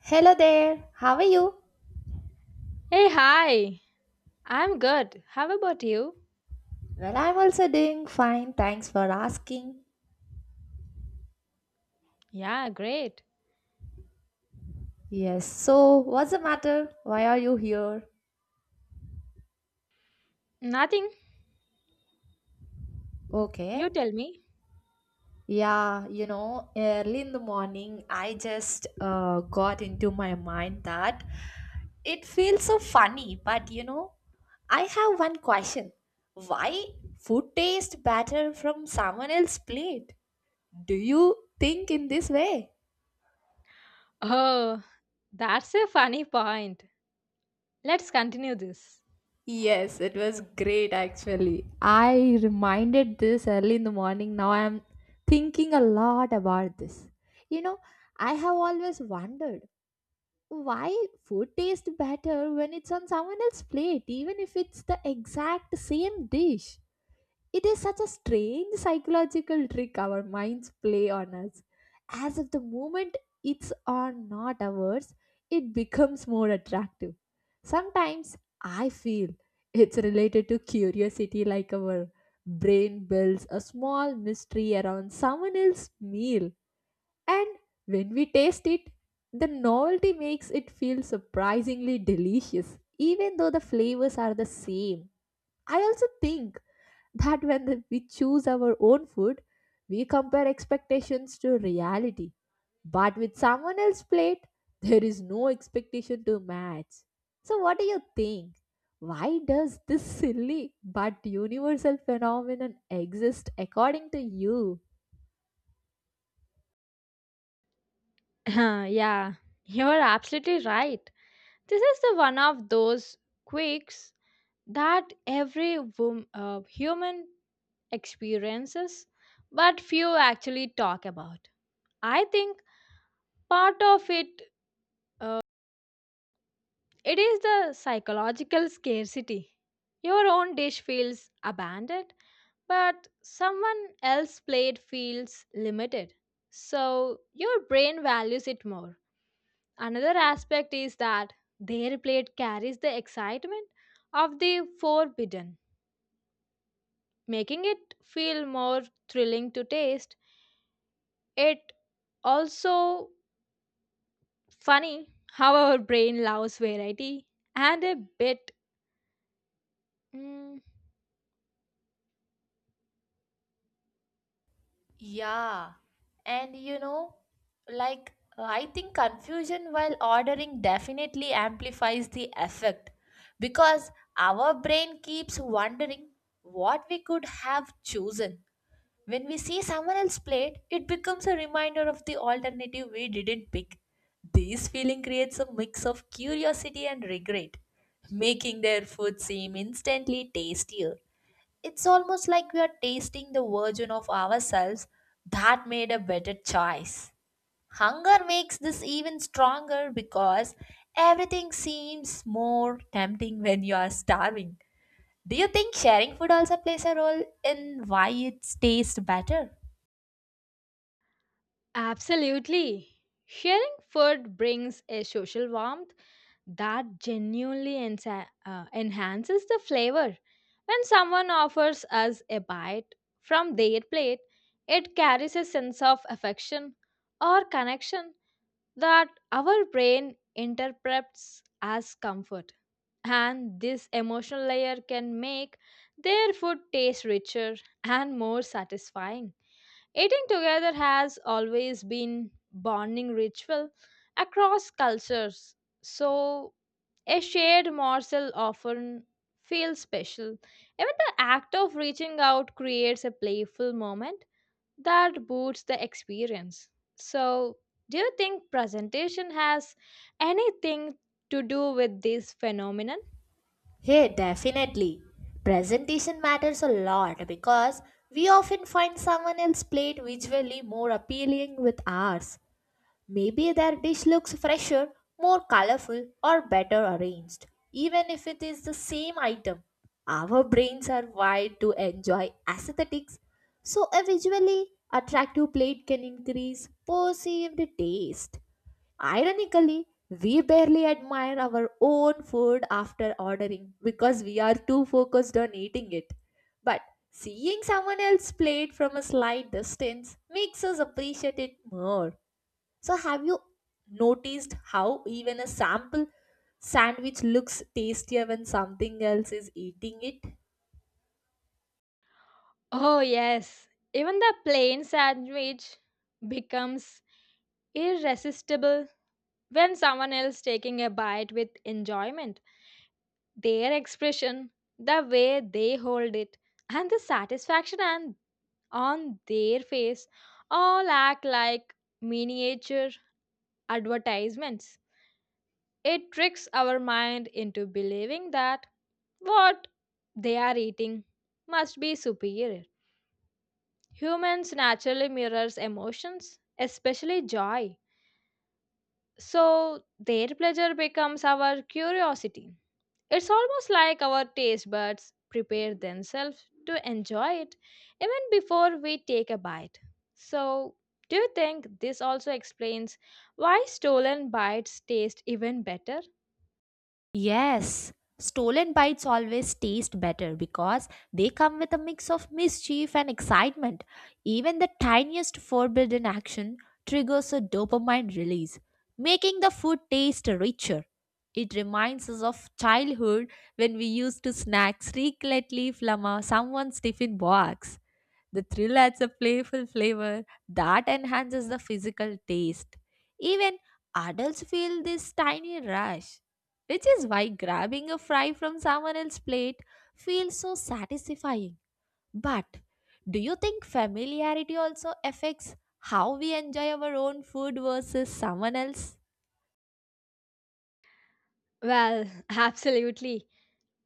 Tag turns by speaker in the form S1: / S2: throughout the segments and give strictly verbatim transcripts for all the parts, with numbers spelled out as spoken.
S1: Hello there, how are you?
S2: Hey, hi. I'm good. How about you?
S1: Well, I'm also doing fine, thanks for asking.
S2: Yeah, great.
S1: Yes, so what's the matter? Why are you here?
S2: Nothing.
S1: Okay,
S2: You tell me.
S1: yeah, you know, early in the morning, I just uh, got into my mind that it feels so funny, but you know, I have one question. Why food tastes better from someone else's plate? Do you think in this way?
S2: Oh, that's a funny point. Let's continue this.
S1: Yes, it was great actually. I reminded this early in the morning. Now I am thinking a lot about this. You know, I have always wondered why food tastes better when it's on someone else's plate, even if it's the exact same dish. It is such a strange psychological trick our minds play on us. As if the moment it's on not ours, it becomes more attractive. Sometimes I feel it's related to curiosity, like our brain builds a small mystery around someone else's meal. And when we taste it, the novelty makes it feel surprisingly delicious, even though the flavors are the same. I also think that when the- we choose our own food, we compare expectations to reality. But with someone else's plate, there is no expectation to match. So, what do you think? Why does this silly but universal phenomenon exist according to you?
S2: yeah, you're absolutely right. This is the one of those quirks that every wom- uh, human experiences, but few actually talk about. I think part of it it is the psychological scarcity. Your own dish feels abandoned, but someone else's plate feels limited. So your brain values it more. Another aspect is that their plate carries the excitement of the forbidden, making it feel more thrilling to taste. It also funny how our brain loves variety and a bit mm,
S1: Yeah, and you know, like I think confusion while ordering definitely amplifies the effect because our brain keeps wondering what we could have chosen. When we see someone else's plate, it becomes a reminder of the alternative we didn't pick. This feeling creates a mix of curiosity and regret, making their food seem instantly tastier. It's almost like we are tasting the version of ourselves that made a better choice. Hunger makes this even stronger because everything seems more tempting when you are starving. Do you think sharing food also plays a role in why it tastes better?
S2: Absolutely. Sharing food brings a social warmth that genuinely ensa- uh, enhances the flavor. When someone offers us a bite from their plate, it carries a sense of affection or connection that our brain interprets as comfort. And this emotional layer can make their food taste richer and more satisfying. Eating together has always been bonding ritual across cultures. So a shared morsel often feels special. Even the act of reaching out creates a playful moment that boosts the experience. So, do you think presentation has anything to do with this phenomenon?
S1: Hey, definitely. Presentation matters a lot because we often find someone else's plate visually more appealing with ours. Maybe their dish looks fresher, more colorful, or better arranged, even if it is the same item. Our brains are wired to enjoy aesthetics, so a visually attractive plate can increase perceived taste. Ironically, we barely admire our own food after ordering because we are too focused on eating it. But seeing someone else's plate from a slight distance makes us appreciate it more. So, have you noticed how even a sample sandwich looks tastier when something else is eating it?
S2: Oh, yes. Even the plain sandwich becomes irresistible when someone else taking a bite with enjoyment, their expression, the way they hold it, and the satisfaction and on their face all act like miniature advertisements. It tricks our mind into believing that what they are eating must be superior. Humans naturally mirrors emotions, especially joy, so their pleasure becomes our curiosity. It's almost like our taste buds prepare themselves to enjoy it even before we take a bite. So, do you think this also explains why stolen bites taste even better?
S1: Yes, stolen bites always taste better because they come with a mix of mischief and excitement. Even the tiniest forbidden action triggers a dopamine release, making the food taste richer. It reminds us of childhood when we used to snack secretly from uh, someone's tiffin box. The thrill adds a playful flavor that enhances the physical taste. Even adults feel this tiny rush, which is why grabbing a fry from someone else's plate feels so satisfying. But do you think familiarity also affects how we enjoy our own food versus someone else?
S2: Well, absolutely.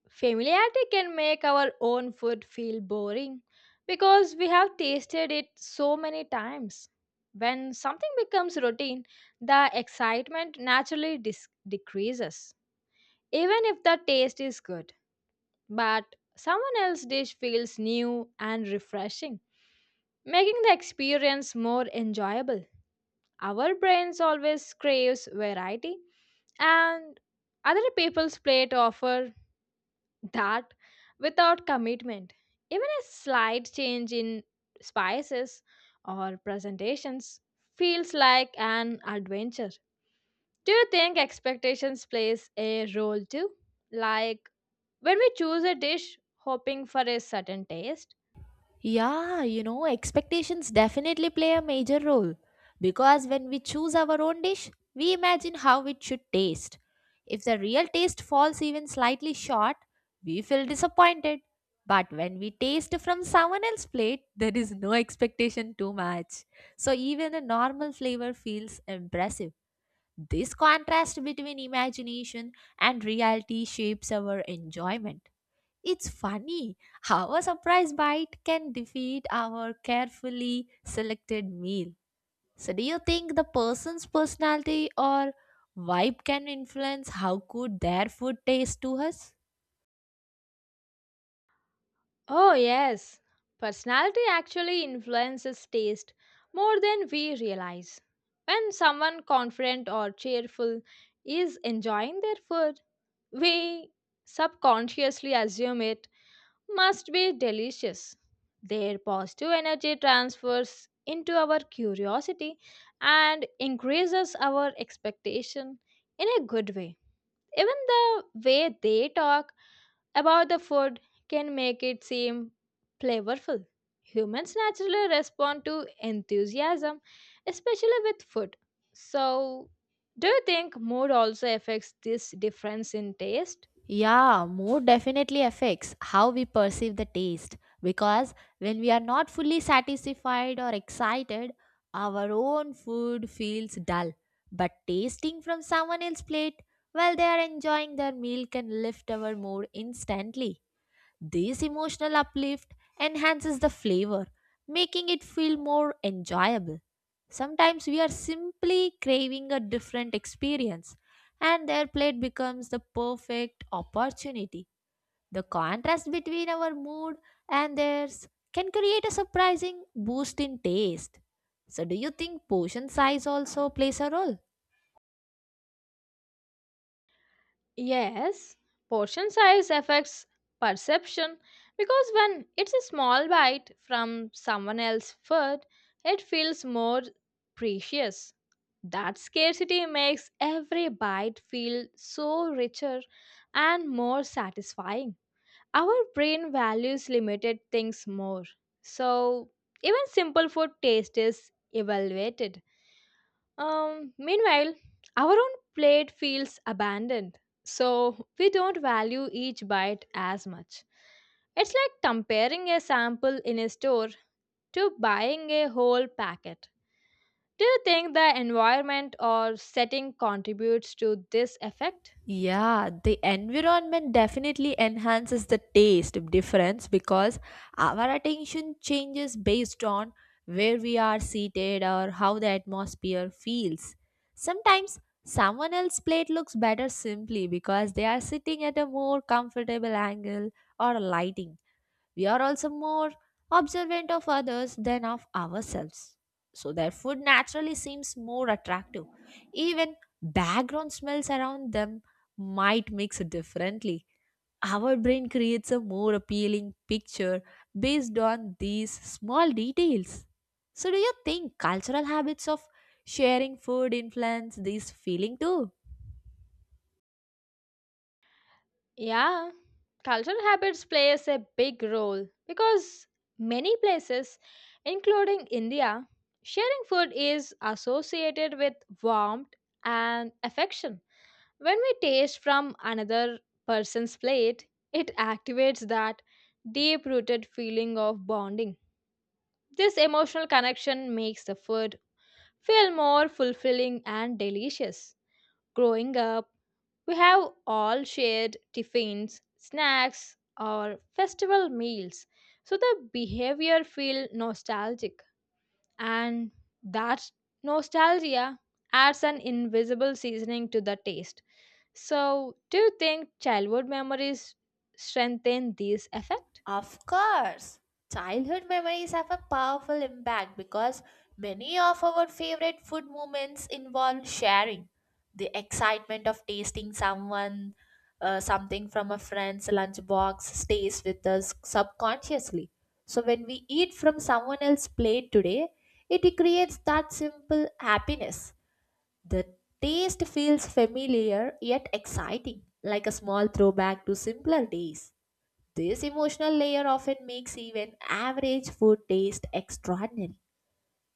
S2: Familiarity can make our own food feel boring because we have tasted it so many times. When something becomes routine, the excitement naturally dis- decreases, even if the taste is good. But someone else's dish feels new and refreshing, making the experience more enjoyable. Our brains always craves variety, and other people's plate offer that without commitment. Even a slight change in spices or presentations feels like an adventure. Do you think expectations plays a role too? Like when we choose a dish hoping for a certain taste,
S1: Yeah, you know, expectations definitely play a major role because when we choose our own dish, we imagine how it should taste. If the real taste falls even slightly short, we feel disappointed. But when we taste from someone else's plate, there is no expectation too much. So even a normal flavor feels impressive. This contrast between imagination and reality shapes our enjoyment. It's funny how a surprise bite can defeat our carefully selected meal. So, do you think the person's personality or vibe can influence how good their food tastes to us?
S2: oh yes, personality actually influences taste more than we realize. When someone confident or cheerful is enjoying their food, we subconsciously assume it must be delicious. Their positive energy transfers into our curiosity and increases our expectation in a good way. Even the way they talk about the food can make it seem flavorful. Humans naturally respond to enthusiasm, especially with food. So, do you think mood also affects this difference in taste?
S1: Yeah, mood definitely affects how we perceive the taste because when we are not fully satisfied or excited, our own food feels dull. But tasting from someone else's plate while they are enjoying their meal can lift our mood instantly. This emotional uplift enhances the flavor, making it feel more enjoyable. Sometimes we are simply craving a different experience, and their plate becomes the perfect opportunity. The contrast between our mood and theirs can create a surprising boost in taste. So, do you think portion size also plays a role?
S2: Yes, portion size affects perception because when it's a small bite from someone else's food, it feels more precious. That scarcity makes every bite feel so richer and more satisfying. Our brain values limited things more, so even simple food taste is evaluated. Um, meanwhile, our own plate feels abandoned, so we don't value each bite as much. It's like comparing a sample in a store to buying a whole packet. Do you think the environment or setting contributes to this effect?
S1: Yeah, the environment definitely enhances the taste difference because our attention changes based on where we are seated or how the atmosphere feels. Sometimes someone else's plate looks better simply because they are sitting at a more comfortable angle or lighting. We are also more observant of others than of ourselves. So their food naturally seems more attractive. Even background smells around them might mix differently. Our brain creates a more appealing picture based on these small details. So, do you think cultural habits of sharing food influence this feeling too?
S2: Yeah, cultural habits plays a big role because many places, including India, sharing food is associated with warmth and affection. When we taste from another person's plate, it activates that deep-rooted feeling of bonding. This emotional connection makes the food feel more fulfilling and delicious. Growing up, we have all shared tiffins, snacks, or festival meals, so the behavior feel nostalgic, and that nostalgia adds an invisible seasoning to the taste. So, do you think childhood memories strengthen this effect?
S1: Of course, childhood memories have a powerful impact because many of our favorite food moments involve sharing. The excitement of tasting someone uh, something from a friend's lunchbox stays with us subconsciously. So when we eat from someone else's plate today, it creates that simple happiness. The taste feels familiar yet exciting, like a small throwback to simpler days. This emotional layer often makes even average food taste extraordinary.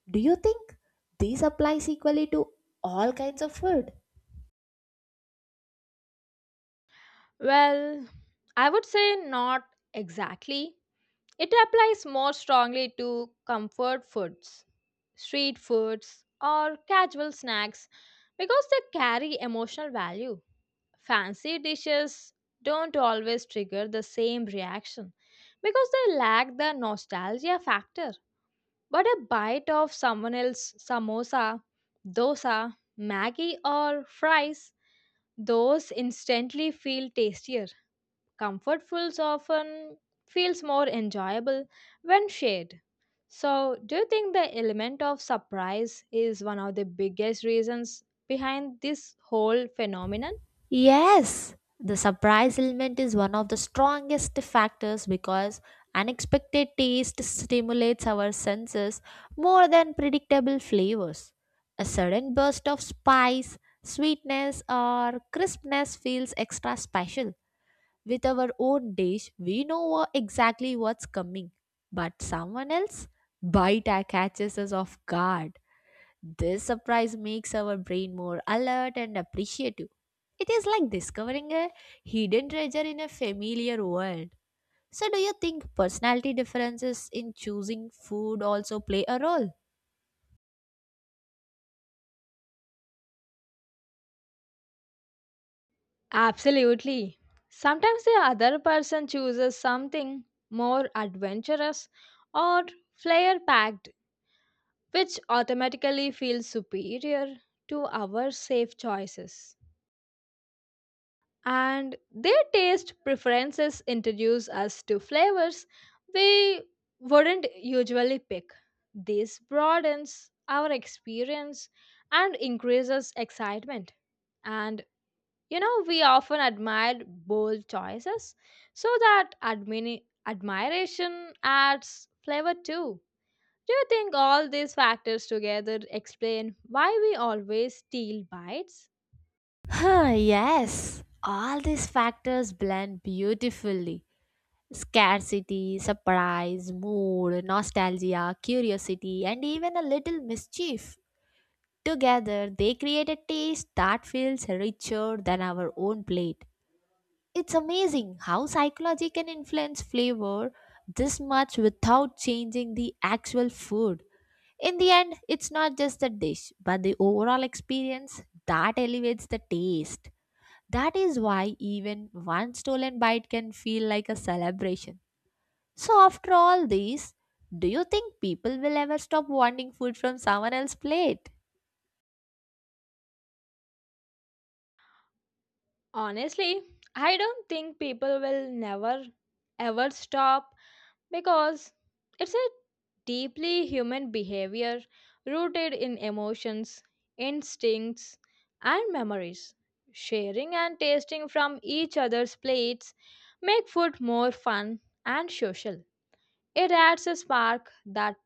S1: Do you think this applies equally to all kinds of food?
S2: Well, I would say not exactly. It applies more strongly to comfort foods, street foods, or casual snacks because they carry emotional value. Fancy dishes don't always trigger the same reaction because they lack the nostalgia factor. But a bite of someone else's samosa, dosa, maggi, or fries, those instantly feel tastier. Comfort foods often feels more enjoyable when shared. So, do you think the element of surprise is one of the biggest reasons behind this whole phenomenon?
S1: Yes, the surprise element is one of the strongest factors because unexpected taste stimulates our senses more than predictable flavors. A sudden burst of spice, sweetness, or crispness feels extra special. With our own dish, we know wha- exactly what's coming. But someone else? Bite a- catches us off guard. This surprise makes our brain more alert and appreciative. It is like discovering a hidden treasure in a familiar world. So, do you think personality differences in choosing food also play a role?
S2: Absolutely. Sometimes the other person chooses something more adventurous or flair packed, which automatically feels superior to our safe choices. And their taste preferences introduce us to flavors we wouldn't usually pick. This broadens our experience and increases excitement. And you know, we often admire bold choices, so that admini- admiration adds flavor too. Do you think all these factors together explain why we always steal bites?
S1: Huh, yes, all these factors blend beautifully. Scarcity, surprise, mood, nostalgia, curiosity, and even a little mischief. Together, they create a taste that feels richer than our own plate. It's amazing how psychology can influence flavor this much without changing the actual food. In the end, it's not just the dish, but the overall experience that elevates the taste. That is why even one stolen bite can feel like a celebration. So, after all these, do you think people will ever stop wanting food from someone else's plate?
S2: Honestly, I don't think people will never ever stop because it's a deeply human behavior rooted in emotions, instincts, and memories. Sharing and tasting from each other's plates make food more fun and social. It adds a spark that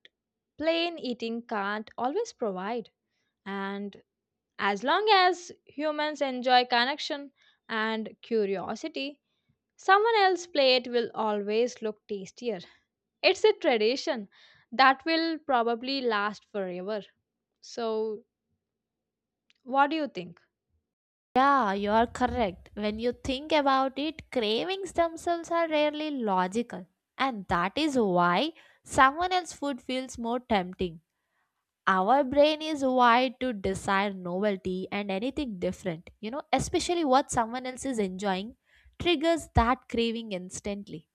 S2: plain eating can't always provide. And as long as humans enjoy connection and curiosity, someone else's plate will always look tastier. It's a tradition that will probably last forever. So, what do you think?
S1: Yeah, you are correct. When you think about it, cravings themselves are rarely logical. And that is why someone else's food feels more tempting. Our brain is wired to desire novelty and anything different. You know, especially what someone else is enjoying triggers that craving instantly.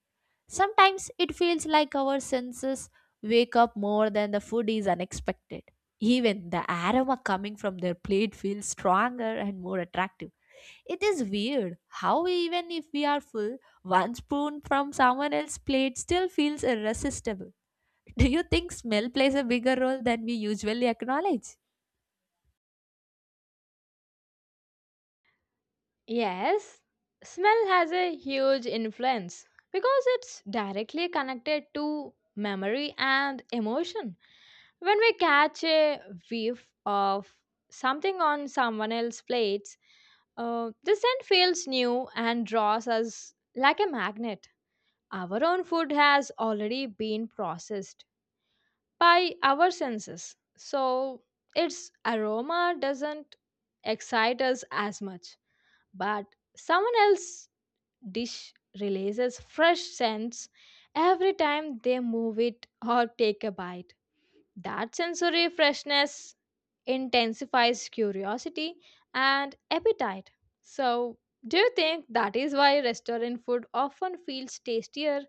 S1: Sometimes it feels like our senses wake up more than the food is unexpected. Even the aroma coming from their plate feels stronger and more attractive. It is weird how, even if we are full, one spoon from someone else's plate still feels irresistible. Do you think smell plays a bigger role than we usually acknowledge?
S2: Yes, smell has a huge influence because it's directly connected to memory and emotion. When we catch a whiff of something on someone else's plates, uh, the scent feels new and draws us like a magnet. Our own food has already been processed by our senses, so its aroma doesn't excite us as much. But someone else's dish releases fresh scents every time they move it or take a bite. That sensory freshness intensifies curiosity and appetite. So, do you think that is why restaurant food often feels tastier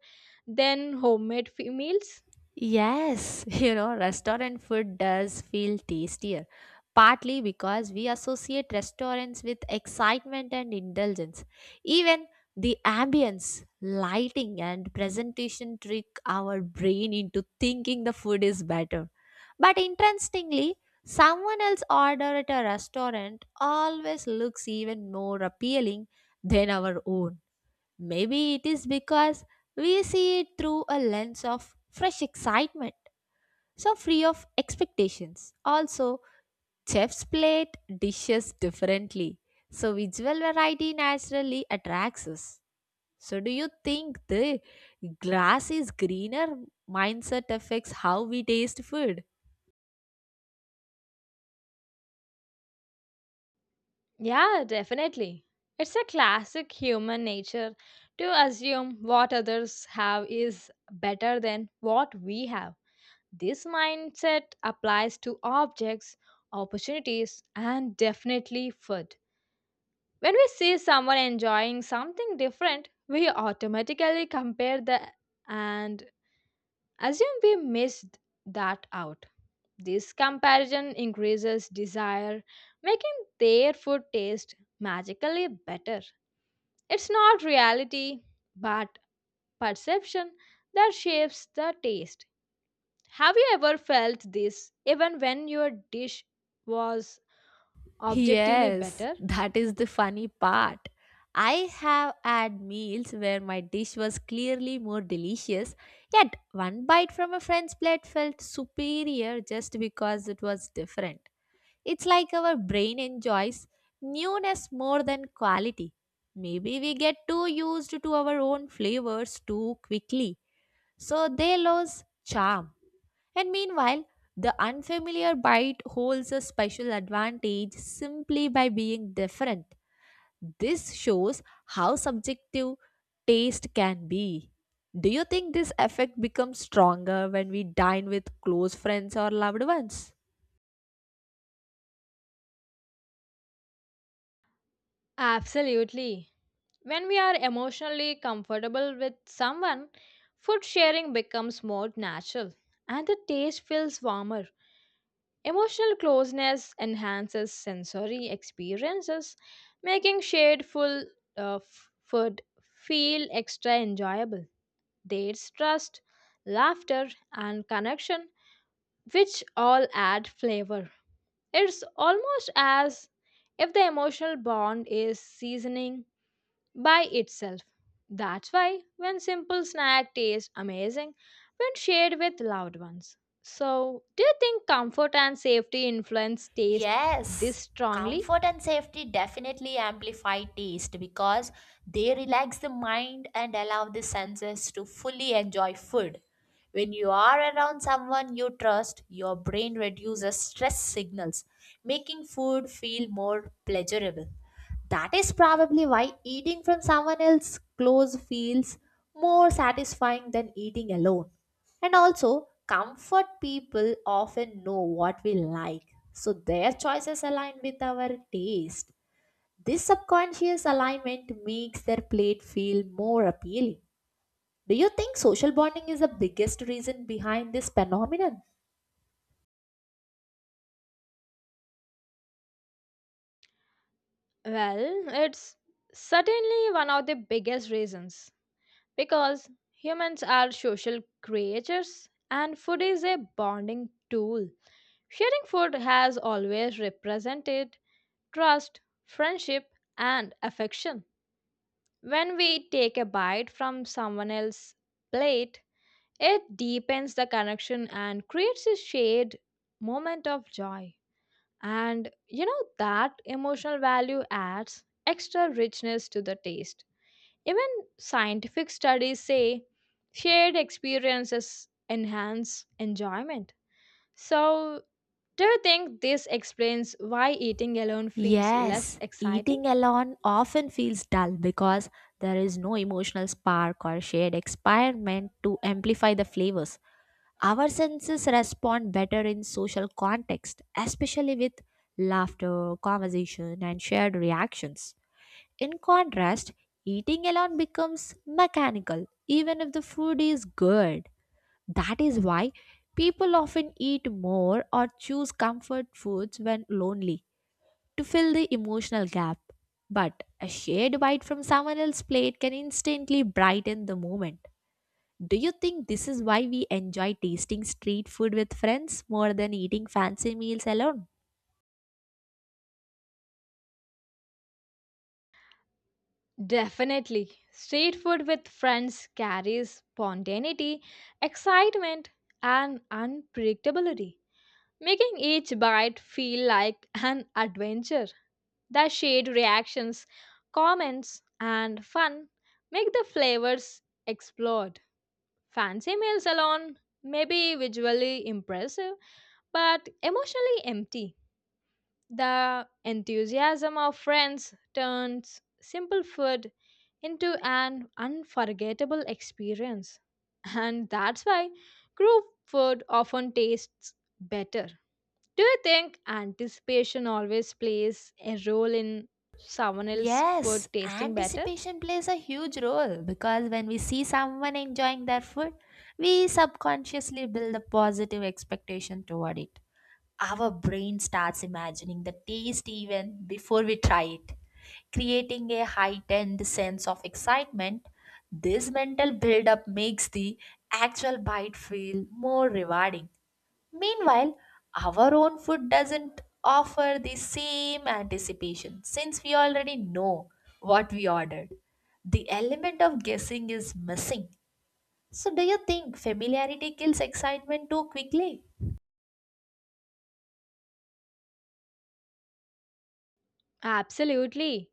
S2: than homemade fe- meals?
S1: Yes, you know, restaurant food does feel tastier, partly because we associate restaurants with excitement and indulgence. Even the ambience, lighting, and presentation trick our brain into thinking the food is better. But interestingly, someone else's order at a restaurant always looks even more appealing than our own. Maybe it is because we see it through a lens of fresh excitement so free of expectations. Also, chefs plate dishes differently, so visual variety naturally attracts us. So, do you think the grass is greener mindset affects how we taste food?
S2: Yeah, definitely. It's a classic human nature to assume what others have is better than what we have. This mindset applies to objects, opportunities, and definitely food. When we see someone enjoying something different, we automatically compare the and assume we missed that out. This comparison increases desire, making their food taste magically better. It's not reality, but perception that shapes the taste. Have you ever felt this even when your dish was objectively
S1: Yes,
S2: better?
S1: that is the funny part. I have had meals where my dish was clearly more delicious, yet one bite from a friend's plate felt superior just because it was different. It's like our brain enjoys newness more than quality. Maybe we get too used to our own flavors too quickly, so they lose charm. And meanwhile, the unfamiliar bite holds a special advantage simply by being different. This shows how subjective taste can be. Do you think this effect becomes stronger when we dine with close friends or loved ones?
S2: Absolutely. When we are emotionally comfortable with someone, food sharing becomes more natural and the taste feels warmer. Emotional closeness enhances sensory experiences, making shared full uh, f- food feel extra enjoyable. There's trust, laughter, and connection, which all add flavor. It's almost as if the emotional bond is seasoning by itself. That's why when simple snack tastes amazing when shared with loved ones. So, do you think comfort and safety influence taste this
S1: Yes,
S2: strongly?
S1: comfort and safety definitely amplify taste because they relax the mind and allow the senses to fully enjoy food. When you are around someone you trust, your brain reduces stress signals, making food feel more pleasurable. That is probably why eating from someone else close feels more satisfying than eating alone. And also, comfort people often know what we like, so their choices align with our taste. This subconscious alignment makes their plate feel more appealing. Do you think social bonding is the biggest reason behind this phenomenon?
S2: Well, it's certainly one of the biggest reasons because humans are social creatures and food is a bonding tool. Sharing food has always represented trust, friendship, and affection. When we take a bite from someone else's plate, it deepens the connection and creates a shared moment of joy. And you know that emotional value adds extra richness to the taste. Even scientific studies say shared experiences enhance enjoyment. So, do you think this explains why eating alone feels less
S1: Yes,
S2: exciting?
S1: eating alone often feels dull because there is no emotional spark or shared experiment to amplify the flavors. Our senses respond better in social context, especially with laughter, conversation, and shared reactions. In contrast, eating alone becomes mechanical, even if the food is good. That is why people often eat more or choose comfort foods when lonely to fill the emotional gap. But a shared bite from someone else's plate can instantly brighten the moment. Do you think this is why we enjoy tasting street food with friends more than eating fancy meals alone?
S2: Definitely. Street food with friends carries spontaneity, excitement, and unpredictability, making each bite feel like an adventure. The shared reactions, comments, and fun make the flavors explode. Fancy meals alone may be visually impressive, but emotionally empty. The enthusiasm of friends turns simple food into an unforgettable experience. And that's why group food often tastes better. Do you think anticipation always plays a role in someone else's food
S1: Yes,
S2: tasting better?
S1: anticipation plays a huge role because when we see someone enjoying their food, we subconsciously build a positive expectation toward it. Our brain starts imagining the taste even before we try it, creating a heightened sense of excitement. This mental buildup makes the actual bite feel more rewarding. Meanwhile, our own food doesn't offer the same anticipation since we already know what we ordered. The element of guessing is missing. So, do you think familiarity kills excitement too quickly?
S2: Absolutely.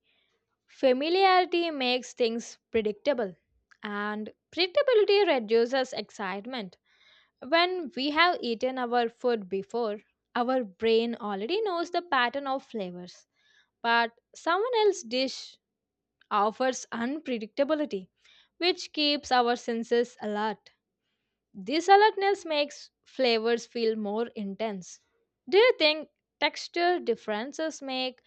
S2: Familiarity makes things predictable, and predictability reduces excitement. When we have eaten our food before, our brain already knows the pattern of flavors, but someone else's dish offers unpredictability, which keeps our senses alert. This alertness makes flavors feel more intense. Do you think texture differences make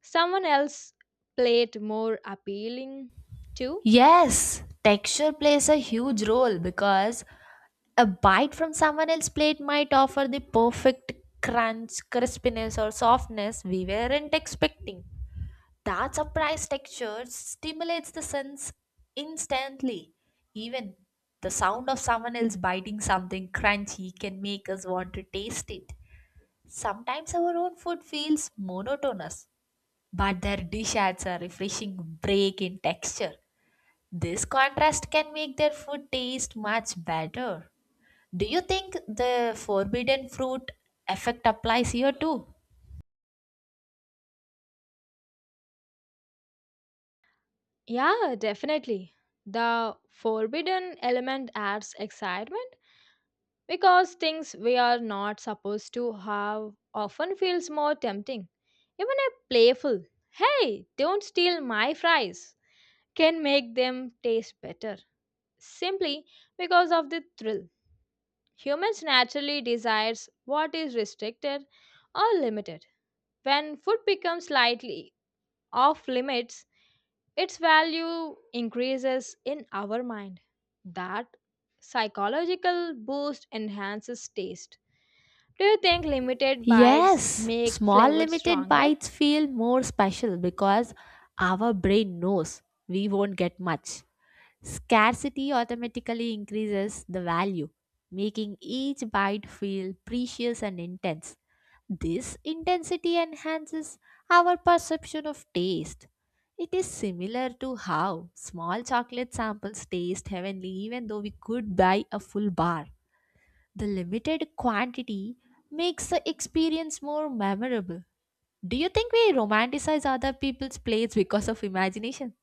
S2: someone else played more appealing too?
S1: Yes, texture plays a huge role because a bite from someone else's plate might offer the perfect crunch, crispiness, or softness we weren't expecting. That surprise texture stimulates the sense instantly. Even the sound of someone else biting something crunchy can make us want to taste it. Sometimes our own food feels monotonous, but their dish adds a refreshing break in texture. This contrast can make their food taste much better. Do you think the forbidden fruit effect applies here too?
S2: Yeah, definitely. The forbidden element adds excitement because things we are not supposed to have often feels more tempting. Even a playful, hey, don't steal my fries, can make them taste better simply because of the thrill. Humans naturally desires what is restricted or limited. When food becomes slightly off limits, its value increases in our mind. That psychological boost enhances taste. Do you think limited bites
S1: Yes,
S2: make
S1: small
S2: flavors
S1: limited
S2: stronger?
S1: bites feel more special because our brain knows we won't get much. Scarcity automatically increases the value, making each bite feel precious and intense. This intensity enhances our perception of taste. It is similar to how small chocolate samples taste heavenly even though we could buy a full bar. The limited quantity makes the experience more memorable. Do you think we romanticize other people's plates because of imagination?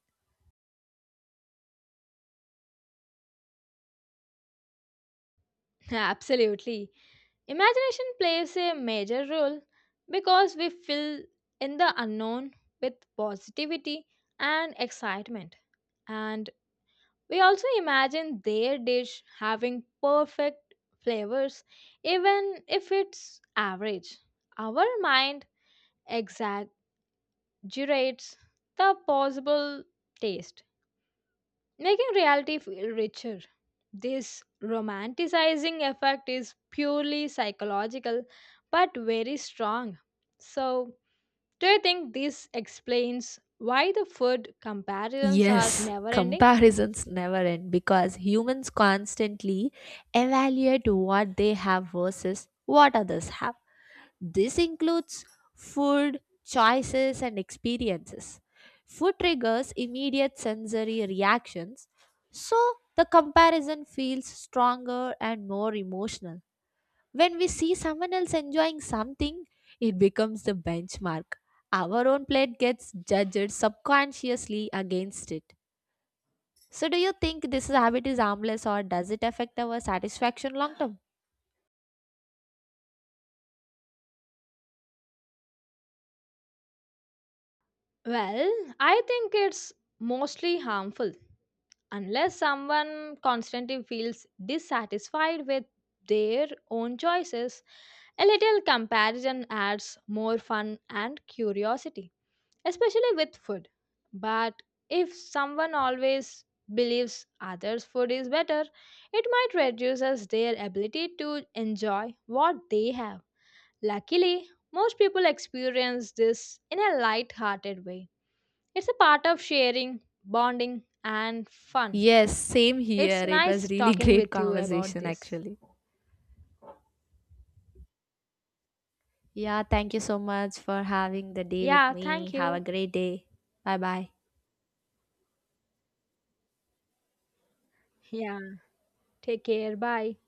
S2: Absolutely. Imagination plays a major role because we fill in the unknown with positivity and excitement. And we also imagine their dish having perfect flavors, even if it's average. Our mind exaggerates the possible taste, making reality feel richer. This romanticizing effect is purely psychological but very strong. So, do you think this explains why the food comparisons are
S1: Yes,
S2: never ending?
S1: comparisons never end because humans constantly evaluate what they have versus what others have. This includes food, choices, and experiences. Food triggers immediate sensory reactions, so the comparison feels stronger and more emotional. When we see someone else enjoying something, it becomes the benchmark. Our own plate gets judged subconsciously against it. So, do you think this habit is harmless or does it affect our satisfaction long term?
S2: Well, I think it's mostly harmful unless someone constantly feels dissatisfied with their own choices. A little comparison adds more fun and curiosity, especially with food. But if someone always believes others' food is better, it might reduce us their ability to enjoy what they have. Luckily, most people experience this in a light hearted way. It's a part of sharing, bonding, and fun.
S1: Yes, same
S2: It's
S1: here. It
S2: nice
S1: was really
S2: talking
S1: great
S2: with you about
S1: conversation
S2: this.
S1: actually. Yeah, thank you so much for having the day with
S2: Yeah,
S1: me.
S2: thank
S1: Have a
S2: you.
S1: great day. Bye bye.
S2: Yeah. Take care. Bye.